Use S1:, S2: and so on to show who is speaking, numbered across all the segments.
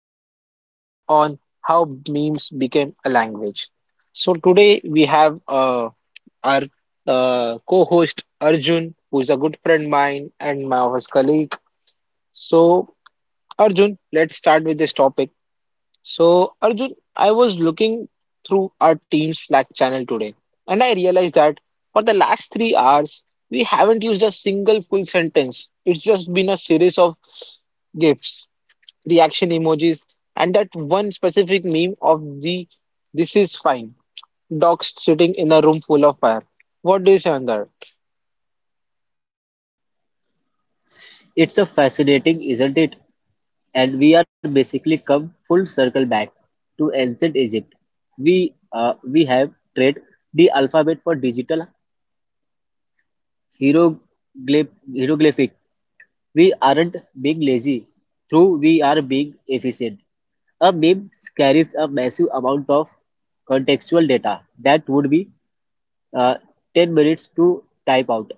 S1: podcast is on how memes became a language. So, today we have our co host Arjun, who is a good friend of mine and my office colleague. So, Arjun, let's start with this topic. So, Arjun, I was looking through our team's Slack channel today, and I realized that for the last 3 hours, we haven't used a single full sentence. It's just been a series of GIFs, reaction emojis, and that one specific meme of the this is fine dog sitting in a room full of fire. What do you say on that?
S2: It's a fascinating, isn't it? And we are basically come full circle back to ancient Egypt. We have traded the alphabet for digital hieroglyphic. We aren't being lazy, through we are being efficient. A meme carries a massive amount of contextual data that would be uh, 10 minutes to type out.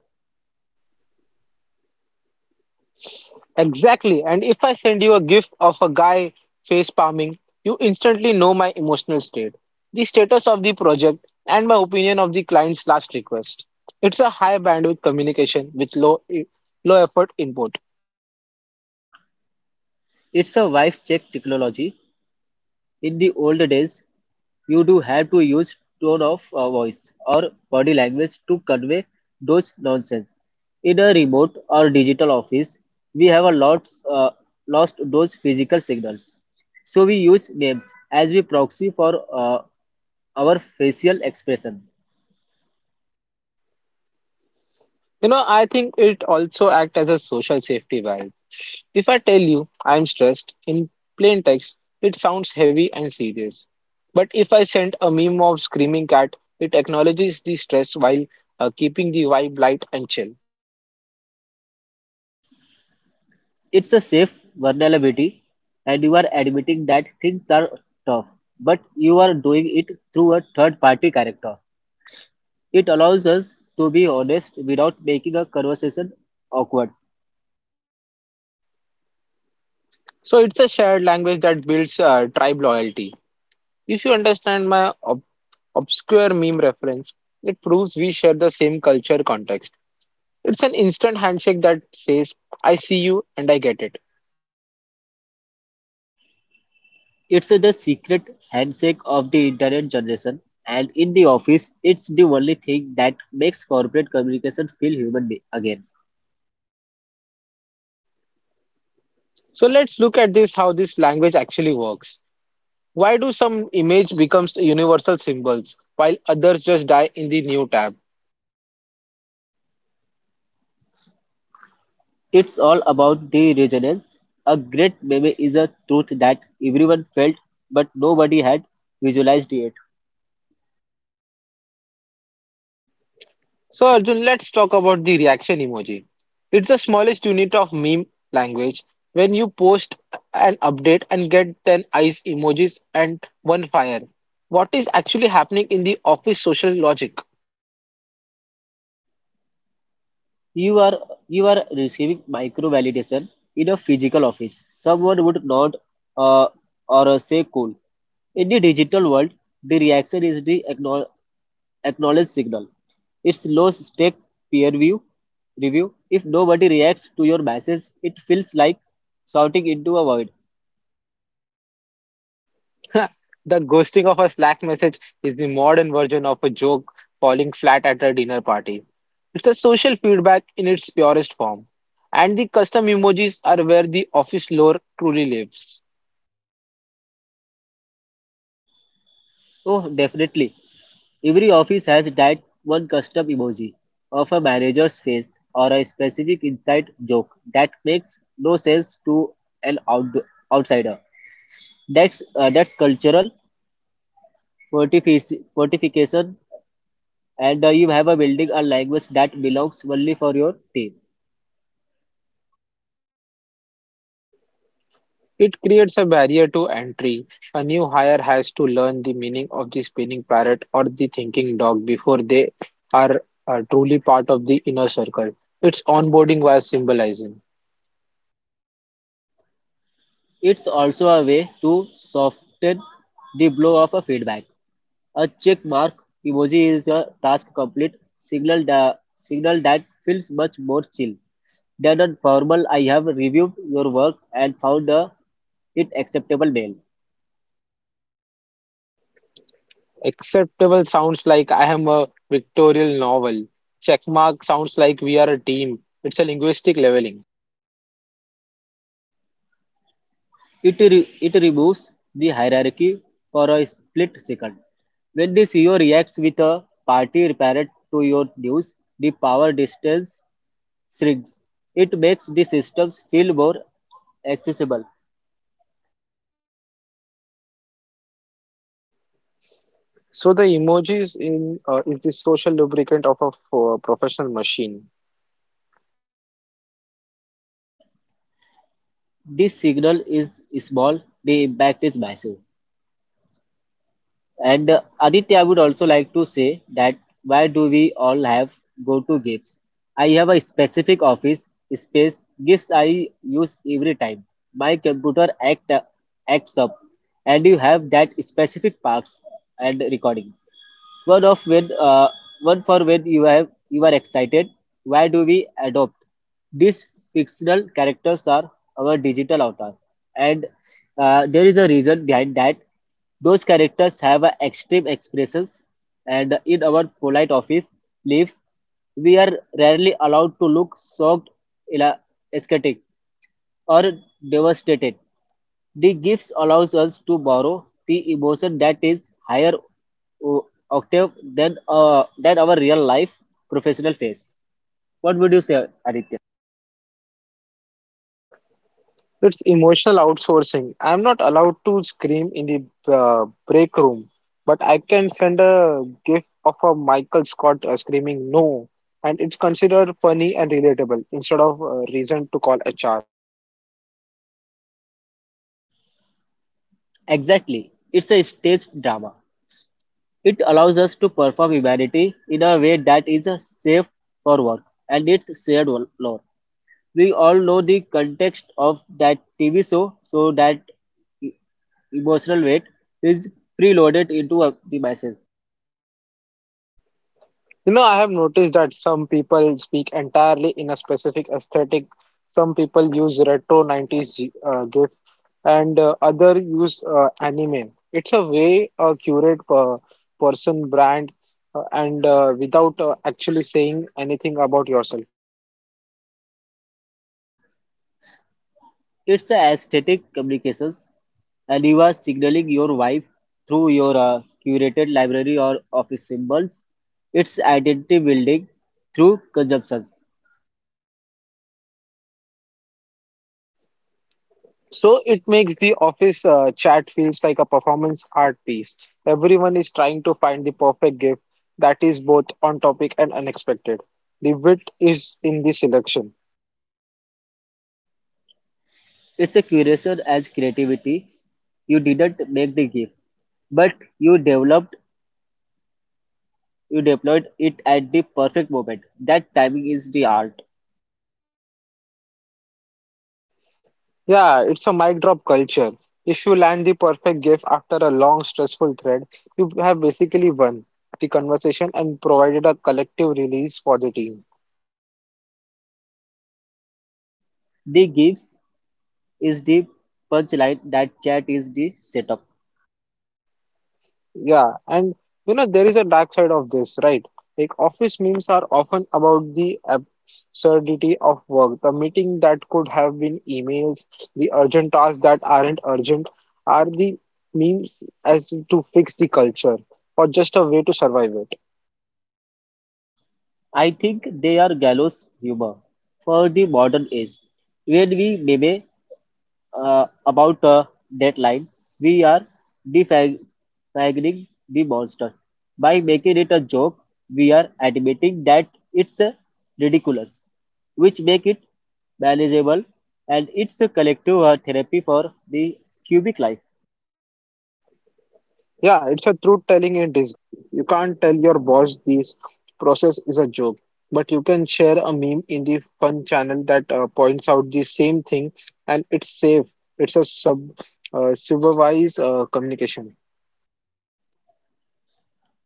S1: Exactly. And if I send you a gif of a guy face palming, you instantly know my emotional state, the status of the project, and my opinion of the client's last request. It's a high bandwidth communication with low effort input.
S2: It's a wife check technology. In the old days, you do have to use tone of voice or body language to convey those nonsense. In a remote or digital office, we have a lot lost those physical signals. So we use names as we proxy for our facial expression.
S1: You know, I think it also acts as a social safety valve. If I tell you I'm stressed in plain text, it sounds heavy and serious. But if I send a meme of screaming cat, it acknowledges the stress while keeping the vibe light and chill.
S2: It's a safe vulnerability, and you are admitting that things are tough, but you are doing it through a third party character. It allows us to be honest without making a conversation awkward.
S1: So it's a shared language that builds tribe loyalty. If you understand my obscure meme reference, it proves we share the same culture context. It's an instant handshake that says, I see you and I get it.
S2: It's the secret handshake of the internet generation, and in the office, it's the only thing that makes corporate communication feel again.
S1: So let's look at this how this language actually works. Why do some image becomes universal symbols while others just die in the new tab?
S2: It's all about the resonance. A great meme is a truth that everyone felt but nobody had visualized yet.
S1: So, Arjun, let's talk about the reaction emoji. It's the smallest unit of meme language. When you post an update and get 10 eyes emojis and one fire, what is actually happening in the office social logic?
S2: You are you are receiving micro validation in a physical office. Someone would nod uh, or say cool. In the digital world, the reaction is the acknowledged signal. It's low stake peer view review. If nobody reacts to your message, it feels like shouting into a void.
S1: The ghosting of a Slack message is the modern version of a joke falling flat at a dinner party. It's a social feedback in its purest form. And the custom emojis are where the office lore truly lives.
S2: Oh, definitely. Every office has that one custom emoji of a manager's face or a specific inside joke that makes no sense to an out- outsider. That's cultural fortification, and you have a building a language that belongs only for your team.
S1: It creates a barrier to entry. A new hire has to learn the meaning of the spinning parrot or the thinking dog before they are truly part of the inner circle. It's onboarding via symbolism.
S2: It's also a way to soften the blow of a feedback. A check mark emoji is a task complete signal that feels much more chill than a formal I have reviewed your work and found a it acceptable mail.
S1: Acceptable sounds like I am a pictorial novel. Checkmark sounds like we are a team. It's a linguistic leveling.
S2: It removes the hierarchy for a split second. When the CEO reacts with a party apparent to your news, the power distance Srigs. It makes the systems feel more accessible.
S1: So the emojis in is the social lubricant of a professional machine.
S2: The signal is small, the impact is massive. And Aditya, I would also like to say that why do we all have go to gifts? I have a specific office space gifts I use every time. My computer act acts up, and you have that specific parts and recording. Word of when, uh, Word for when you are excited. Why do we adopt? These fictional characters are our digital avatars, and there is a reason behind that. Those characters have a extreme expressions, and in our polite office lives, we are rarely allowed to look shocked, ela- ecstatic, or devastated. The gifts allows us to borrow the emotion that is higher Octave than our real life professional phase. What would you say, Aditya?
S1: It's emotional outsourcing. I'm not allowed to scream in the break room, but I can send a gif of a Michael Scott screaming no, and it's considered funny and relatable instead of a reason to call HR.
S2: Exactly. It's a stage drama. It allows us to perform humanity in a way that is safe for work, and it's shared lore. We all know the context of that TV show, so that e- emotional weight is preloaded into the message.
S1: You know, I have noticed that some people speak entirely in a specific aesthetic. Some people use retro 90s GIF, and other use anime. It's a way a curate per person brand and without actually saying anything about yourself.
S2: It's a aesthetic communications, and you are signaling your wife through your curated library or office symbols. It's identity building through consumptions.
S1: So it makes the office chat feels like a performance art piece. Everyone is trying to find the perfect GIF that is both on topic and unexpected. The wit is in the selection.
S2: It's a curation as creativity. You didn't make the gift, but you deployed it at the perfect moment. That timing is the art.
S1: Yeah, it's a mic drop culture. If you land the perfect gift after a long, stressful thread, you have basically won the conversation and provided a collective release for the team.
S2: The gifts is the punchline. That chat is the setup.
S1: Yeah, and you know, there is a dark side of this, right? Like, office memes are often about the absurdity of work. The meeting that could have been emails, the urgent tasks that aren't urgent, are the memes as to fix the culture or just a way to survive it.
S2: I think they are gallows humor for the modern age. When we meme about a deadline, we are defining the monsters. By making it a joke, we are admitting that it's ridiculous, which make it manageable, and it's a collective therapy for the cubic life.
S1: Yeah, it's a truth telling in disguise. You can't tell your boss this process is a joke, but you can share a meme in the fun channel that points out the same thing, and it's safe. It's a sub supervised communication.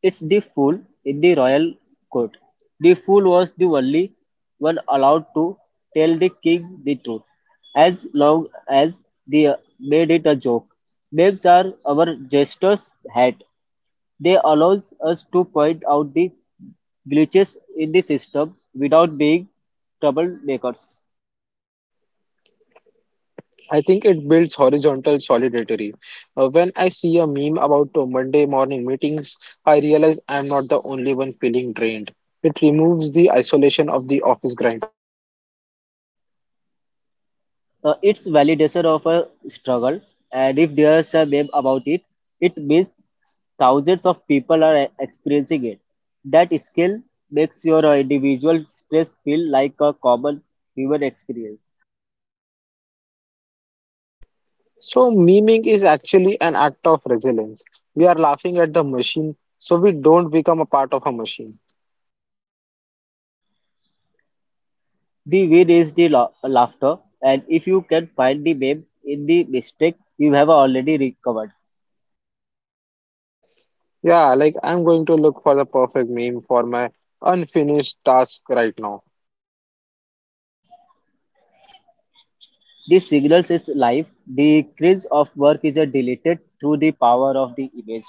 S2: It's the fool in the royal court. The fool was the only one allowed to tell the king the truth, as long as they made it a joke. Memes are our jester's hat. They allows us to point out the glitches in the system without being troublemakers.
S1: I think it builds horizontal solidarity. When I see a meme about Monday morning meetings, I realize I'm not the only one feeling drained. It removes the isolation of the office grind.
S2: It's validation of a struggle, and if there's a meme about it, it means thousands of people are experiencing it. That skill makes your individual stress feel like a common human experience.
S1: So, memeing is actually an act of resilience. We are laughing at the machine, so we don't become a part of a machine.
S2: The win is the laughter, and if you can find the meme in the mistake, you have already recovered.
S1: Yeah, like I'm going to look for the perfect meme for my unfinished task right now.
S2: The signals is life. The cringe of work is deleted through the power of the image.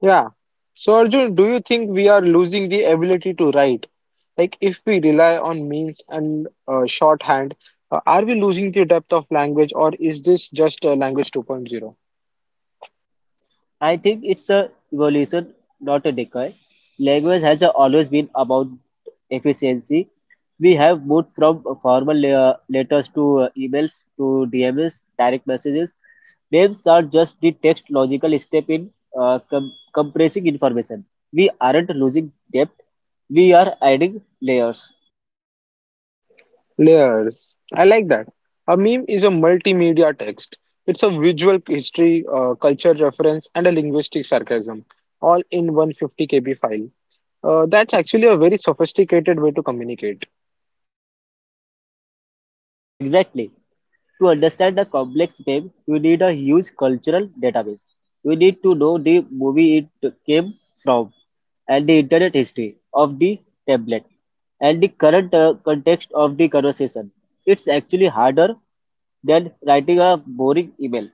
S1: Yeah. So, Arjun, do you think we are losing the ability to write? Like, if we rely on memes and shorthand, are we losing the depth of language, or is this just a language 2.0?
S2: I think it's a evolution, not a decay. Language has always been about efficiency. We have moved from formal letters to emails to DMs, direct messages. Names are just the text logical step in compressing information. We aren't losing depth, we are adding layers.
S1: Layers. I like that. A meme is a multimedia text. It's a visual history, culture reference, and a linguistic sarcasm, all in 150 kb file. That's actually a very sophisticated way to communicate.
S2: Exactly. To understand a complex meme, you need a huge cultural database. You need to know the movie it came from and the internet history of the tablet and the current context of the conversation. It's actually harder than writing a boring email.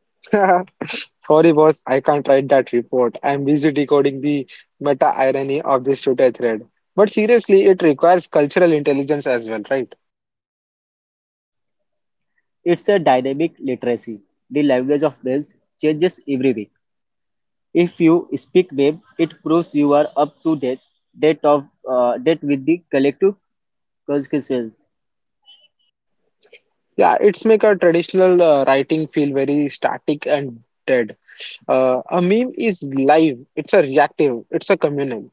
S1: Sorry, boss, I can't write that report. I'm busy decoding the meta irony of this Twitter thread. But seriously, it requires cultural intelligence as well, right?
S2: It's a dynamic literacy. The language of names changes every week. If you speak name, it proves you are up to date, date of date with the collective consequences.
S1: Yeah, it's make our traditional writing feel very static and dead. A meme is live, it's a reactive, it's a communal.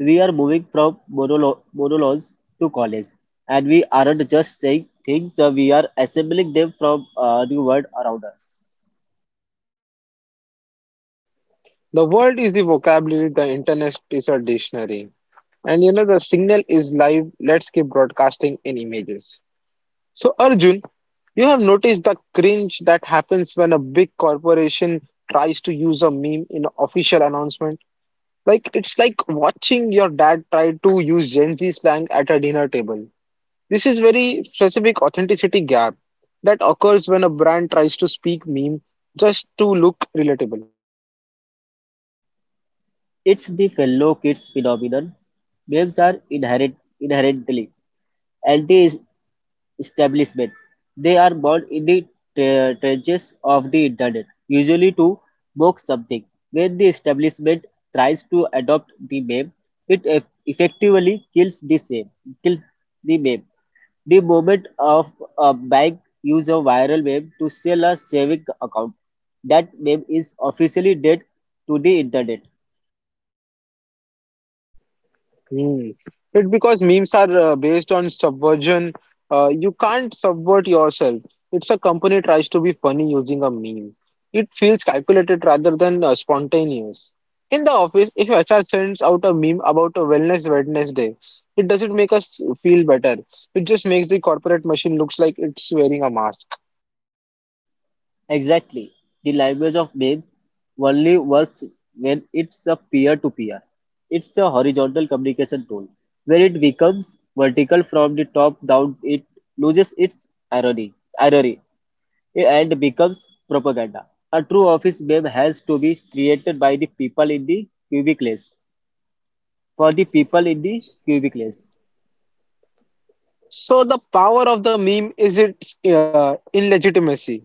S2: We are moving from monologues to college, and we aren't just saying things, we are assembling them from a new world around us.
S1: The world is the vocabulary, the internet is a dictionary. And you know, the signal is live, let's keep broadcasting in images. So, Arjun, you have noticed the cringe that happens when a big corporation tries to use a meme in an official announcement. Like, it's like watching your dad try to use Gen Z slang at a dinner table. This is very specific authenticity gap that occurs when a brand tries to speak meme just to look relatable.
S2: It's the fellow kids phenomenon. Names are inherently anti establishment. They are born in the trenches of the internet, usually to mock something. When the establishment tries to adopt the meme, it effectively kills the meme. The moment of a bank use a viral meme to sell a saving account, that meme is officially dead to the internet.
S1: Hmm. It's because memes are based on subversion. You can't subvert yourself. It's a company tries to be funny using a meme. It feels calculated rather than spontaneous. In the office, if HR sends out a meme about a wellness Wednesday, it doesn't make us feel better. It just makes the corporate machine looks like it's wearing a mask.
S2: Exactly. The language of memes only works when it's a peer-to-peer. It's a horizontal communication tool. When it becomes vertical from the top down, it loses its irony and becomes propaganda. A true office meme has to be created by the people in the cubicle for the people in the cubicles.
S1: So the power of the meme is its illegitimacy.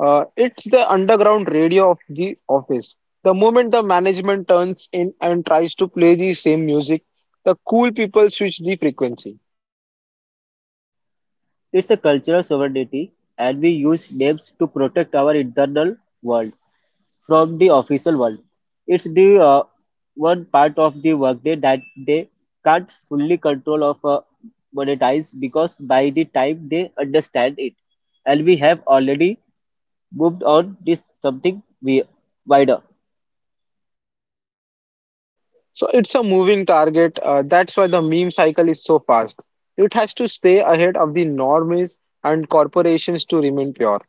S1: It's the underground radio of the office. The moment the management turns in and tries to play the same music, the cool people switch the frequency.
S2: It's a cultural sovereignty, and we use names to protect our internal world from the official world. It's the one part of the workday that they can't fully control of monetize, because by the time they understand it, and we have already moved on this something we wider.
S1: So it's a moving target. That's why the meme cycle is so fast. It has to stay ahead of the norms and corporations to remain pure.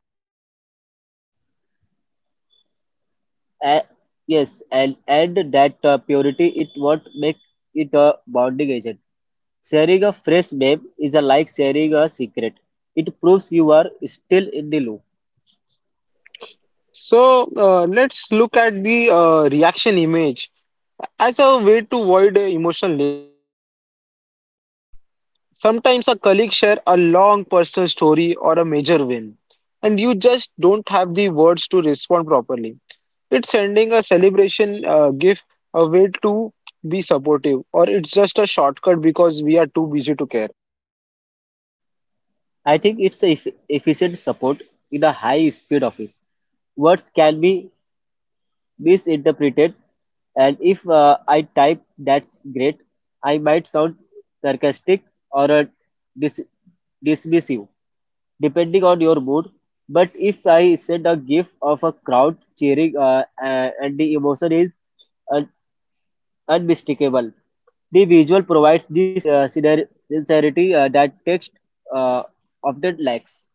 S2: Uh, yes, and that purity it won't make it a bonding agent. Sharing a fresh babe is a like sharing a secret. It proves you are still in the loop.
S1: Let's look at the reaction image as a way to avoid emotional labor. Sometimes a colleague share a long personal story or a major win, and you just don't have the words to respond properly. It's sending a celebration gift, a way to be supportive, or it's just a shortcut because we are too busy to care.
S2: I think it's a efficient support in a high speed office. Words can be misinterpreted, and if I type that's great, I might sound sarcastic or dis- dismissive, depending on your mood. But if I send a gif of a crowd cheering and the emotion is un- unmistakable, the visual provides this sincerity that text uh, often lacks.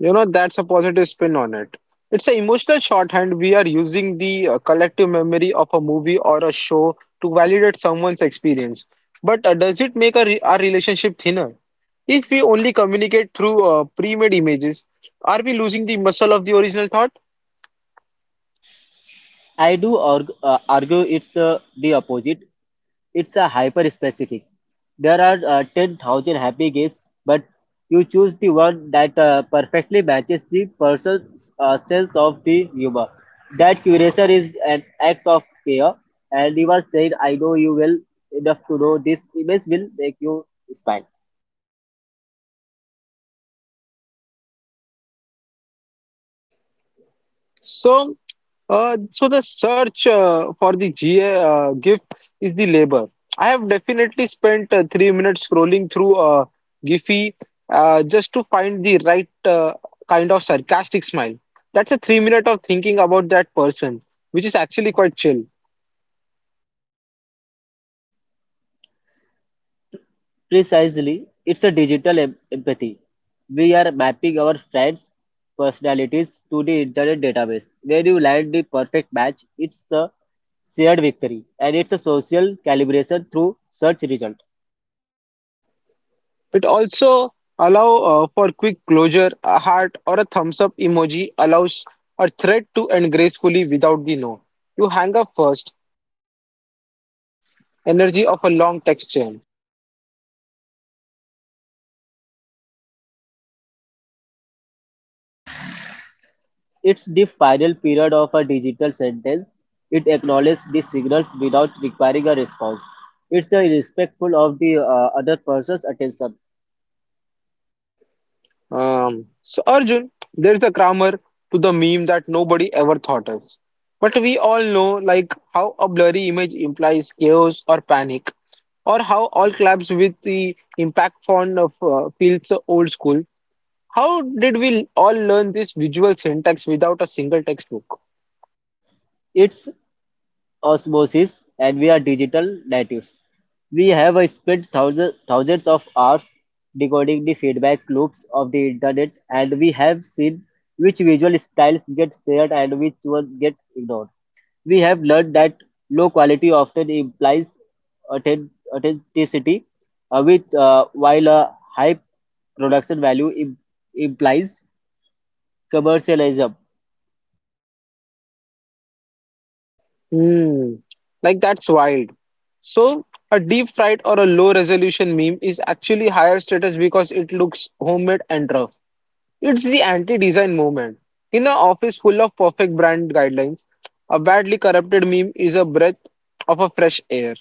S1: You know, that's a positive spin on it. It's an emotional shorthand. We are using the collective memory of a movie or a show to validate someone's experience. But does it make a our relationship thinner? If we only communicate through pre-made images, are we losing the muscle of the original thought?
S2: I do argue it's the opposite. It's a hyper specific. There are 10,000 happy gifts, but you choose the one that perfectly matches the person's sense of the humor. That curation is an act of care, and you are saying, I know you will enough to know this image will make you smile.
S1: So, so the search uh, for the GA uh, GIF is the labor. I have definitely spent 3 minutes scrolling through Giphy just to find the right kind of sarcastic smile. That's a 3 minute of thinking about that person, which is actually quite chill.
S2: Precisely, it's a digital empathy. We are mapping our friends' personalities to the internet database. When you land the perfect match, it's a shared victory, and it's a social calibration through search result.
S1: It also allow for quick closure, a heart or a thumbs up emoji allows a thread to end gracefully without the no. You hang up first, energy of a long text chain.
S2: It's the final period of a digital sentence. It acknowledges the signals without requiring a response. It's a respectful of the other person's attention.
S1: So Arjun, there's a grammar to the meme that nobody ever thought of. But we all know like how a blurry image implies chaos or panic, or how all claps with the impact font of feels old school. How did we all learn this visual syntax without a single textbook?
S2: It's osmosis, and we are digital natives. We have spent thousands of hours decoding the feedback loops of the internet, and we have seen which visual styles get shared and which one get ignored. We have learned that low quality often implies authenticity with while a high production value implies commercialism.
S1: Hmm. Like that's wild. So a deep fried or a low resolution meme is actually higher status because it looks homemade and rough. It's the anti-design movement. In an office full of perfect brand guidelines, a badly corrupted meme is a breath of a fresh air.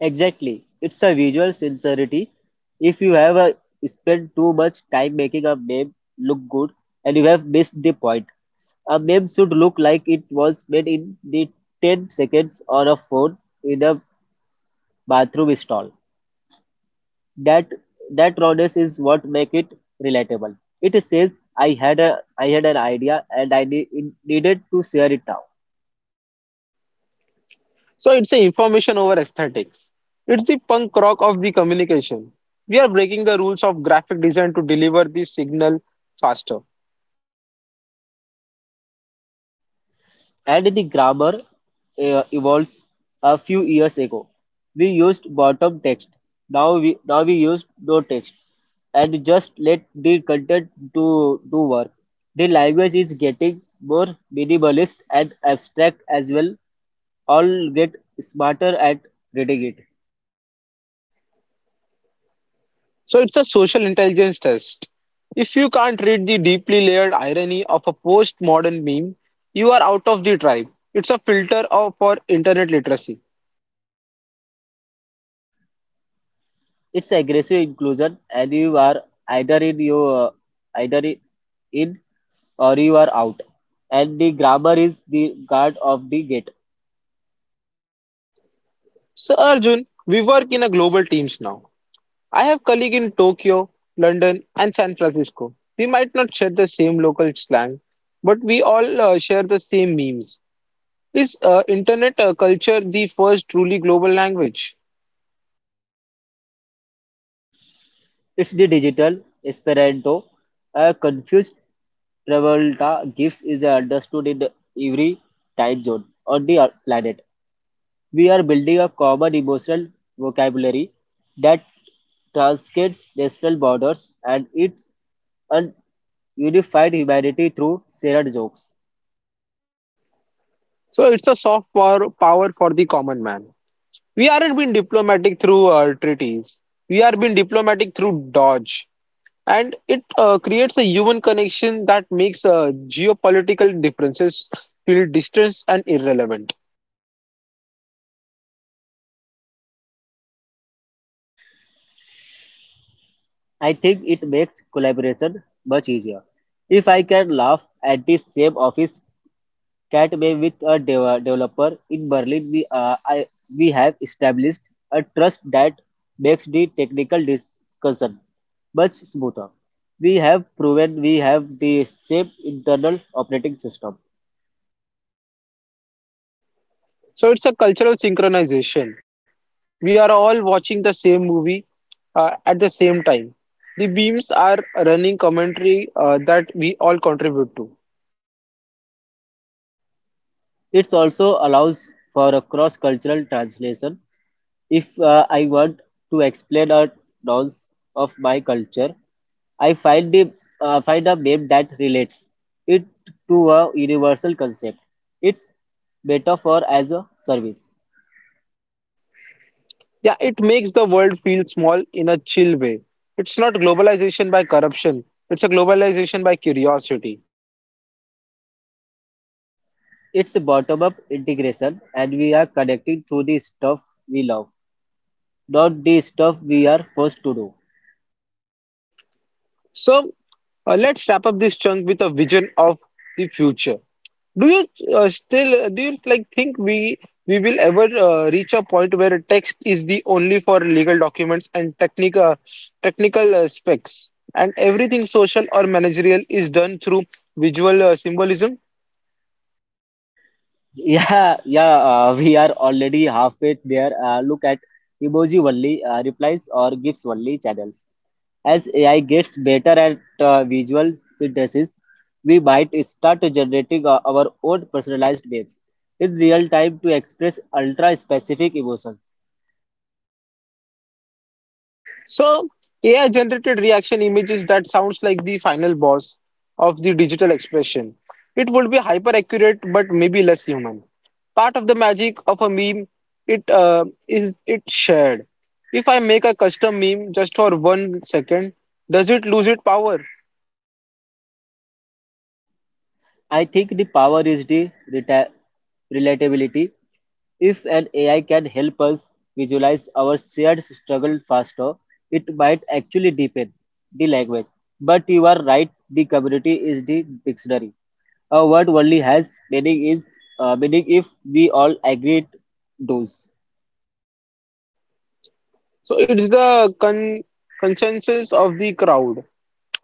S2: Exactly. It's a visual sincerity. If you have spent too much time making a meme look good, and you have missed the point, a meme should look like it was made in the 10 seconds on a phone in a bathroom stall. That that rawness is what make it relatable. It says I had an idea, and I needed to share it now.
S1: So it's a information over aesthetics. It's the punk rock of the communication. We are breaking the rules of graphic design to deliver the signal faster.
S2: And the grammar evolves. A few years ago, we used bottom text. Now we used no text and just let the content do work. The language is getting more minimalist and abstract as well. All get smarter at reading it.
S1: So it's a social intelligence test. If you can't read the deeply layered irony of a postmodern meme, you are out of the tribe. It's a filter of, for internet literacy.
S2: It's aggressive inclusion, and you are either in your either in or you are out. And the grammar is the guard of the gate.
S1: So Arjun, we work in a global teams now. I have colleague in Tokyo, London, and San Francisco. We might not share the same local slang, but we all share the same memes. Is internet culture the first truly global language?
S2: It's the digital Esperanto. A confused Travolta gifts is understood in every time zone on the planet. We are building a common emotional vocabulary that transcends national borders, and it un- unified humanity through shared jokes.
S1: So it's a soft power, power for the common man. We aren't being diplomatic through treaties. We are being diplomatic through dodge. And it creates a human connection that makes geopolitical differences feel distant and irrelevant.
S2: I think it makes collaboration much easier. If I can laugh at the same office Catway with a developer in Berlin, we have established a trust that makes the technical discussion much smoother. We have proven we have the same internal operating system.
S1: So it's a cultural synchronization. We are all watching the same movie at the same time. The beams are running commentary that we all contribute to.
S2: It also allows for a cross-cultural translation. If I want to explain a nonce of my culture, I find a meme that relates it to a universal concept. It's metaphor as a service.
S1: Yeah, it makes the world feel small in a chill way. It's not globalization by corruption, it's a globalization by curiosity.
S2: It's bottom up integration, and we are connecting through the stuff we love, not the stuff we are forced to do.
S1: So let's wrap up this chunk with a vision of the future. Do you still do you think we will ever reach a point where text is the only for legal documents and technical specs, and everything social or managerial is done through visual symbolism?
S2: Yeah, yeah, we are already halfway there. Look at emoji only replies or gifs only channels. As AI gets better at visual synthesis, we might start generating our own personalized waves in real time to express ultra specific emotions.
S1: So, AI generated reaction images that sounds like the final boss of the digital expression. It would be hyper accurate, but maybe less human. Part of the magic of a meme, it is it shared. If I make a custom meme just for one second, does it lose its power?
S2: I think the power is the relatability. If an AI can help us visualize our shared struggle faster, it might actually deepen the language. But you are right, the community is the dictionary. A word only has meaning if we all agree it does.
S1: So it's the consensus of the crowd.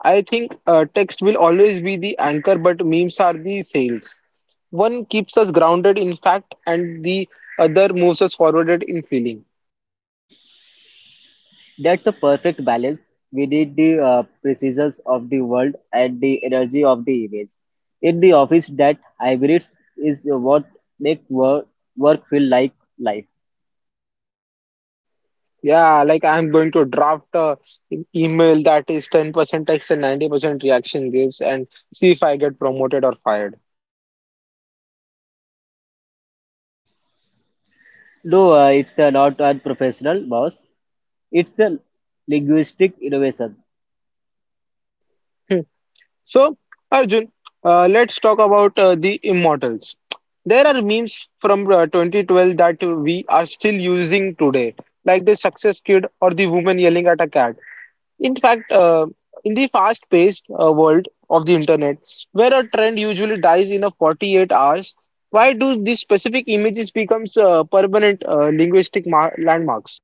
S1: I think text will always be the anchor, but memes are the sails. One keeps us grounded in fact, and the other moves us forwarded in feeling.
S2: That's a perfect balance. We need the precisions of the world and the energy of the image. In the office, that hybrids is what make work feel like life.
S1: Yeah, like I'm going to draft a email that is 10% text and 90% reaction gives, and see if I get promoted or fired.
S2: No, it's not a professional boss. It's a linguistic innovation.
S1: Hmm. So, Arjun, let's talk about the immortals. There are memes from 2012 that we are still using today, like the success kid or the woman yelling at a cat. In fact, in the fast-paced world of the internet, where a trend usually dies in a 48 hours, why do these specific images becomes permanent linguistic mar landmarks?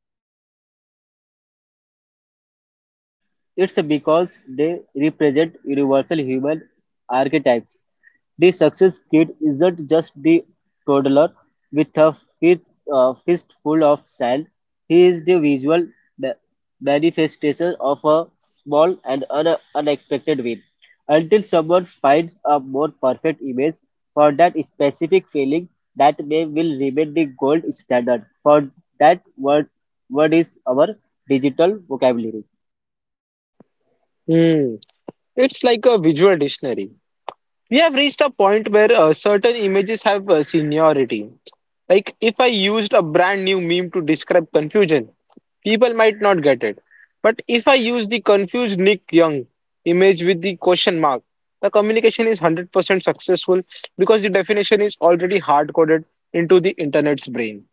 S2: It's because they represent universal human archetypes. The success kid isn't just the toddler with a fist, fistful of sand. He is the visual ma- manifestation of a small and unexpected win. Until someone finds a more perfect image for that specific feeling, that may will remain the gold standard. For that word is our digital vocabulary.
S1: Hmm. It's like a visual dictionary. We have reached a point where certain images have seniority. Like if I used a brand new meme to describe confusion, people might not get it. But if I use the confused Nick Young image with the question mark, the communication is 100% successful because the definition is already hard coded into the internet's brain.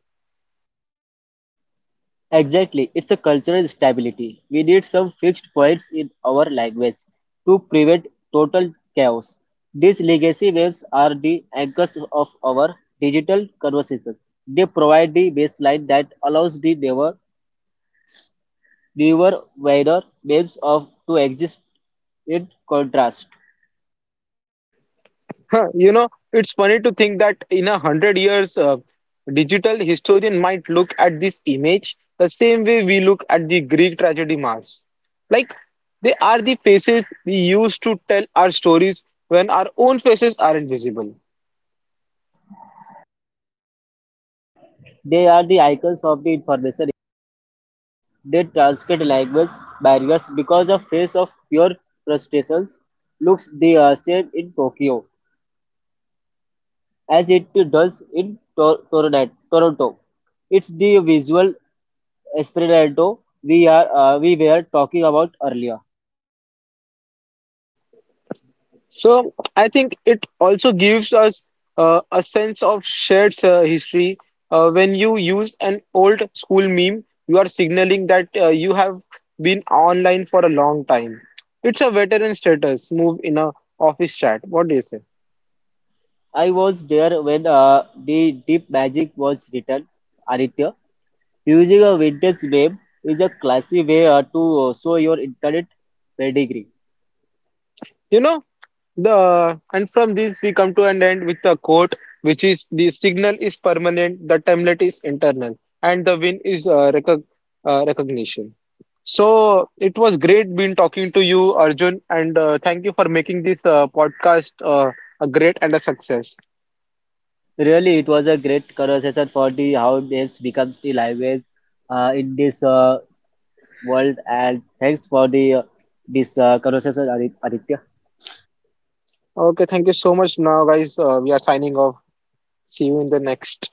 S2: Exactly, it's a cultural stability. We need some fixed points in our language to prevent total chaos. These legacy waves are the anchors of our digital conversations. They provide the baseline that allows the newer, wider waves of to exist in contrast.
S1: Huh, you know, it's funny to think that in a hundred years, digital historian might look at this image the same way we look at the Greek tragedy masks. Like they are the faces we use to tell our stories when our own faces aren't visible.
S2: They are the icons of the information. They transcend language barriers, because a face of pure crustaceans looks the same in Tokyo as it does in Toronto. It's the visual Esperanto we were talking about earlier.
S1: So I think it also gives us a sense of shared history. When you use an old school meme, you are signaling that you have been online for a long time. It's a veteran status move in a office chat. What do you say?
S2: I was there when the Deep Magic was written. Aditya, using a vintage meme is a classy way to show your internet pedigree.
S1: You know, the and from this we come to an end with a quote, which is the signal is permanent, the template is internal, and the win is recognition. So it was great being talking to you, Arjun, and thank you for making this podcast a great and a success.
S2: Really, it was a great conversation for the how names becomes the language in this world. And thanks for the this conversation, Aditya.
S1: Okay, thank you so much. Now, guys, we are signing off. See you in the next.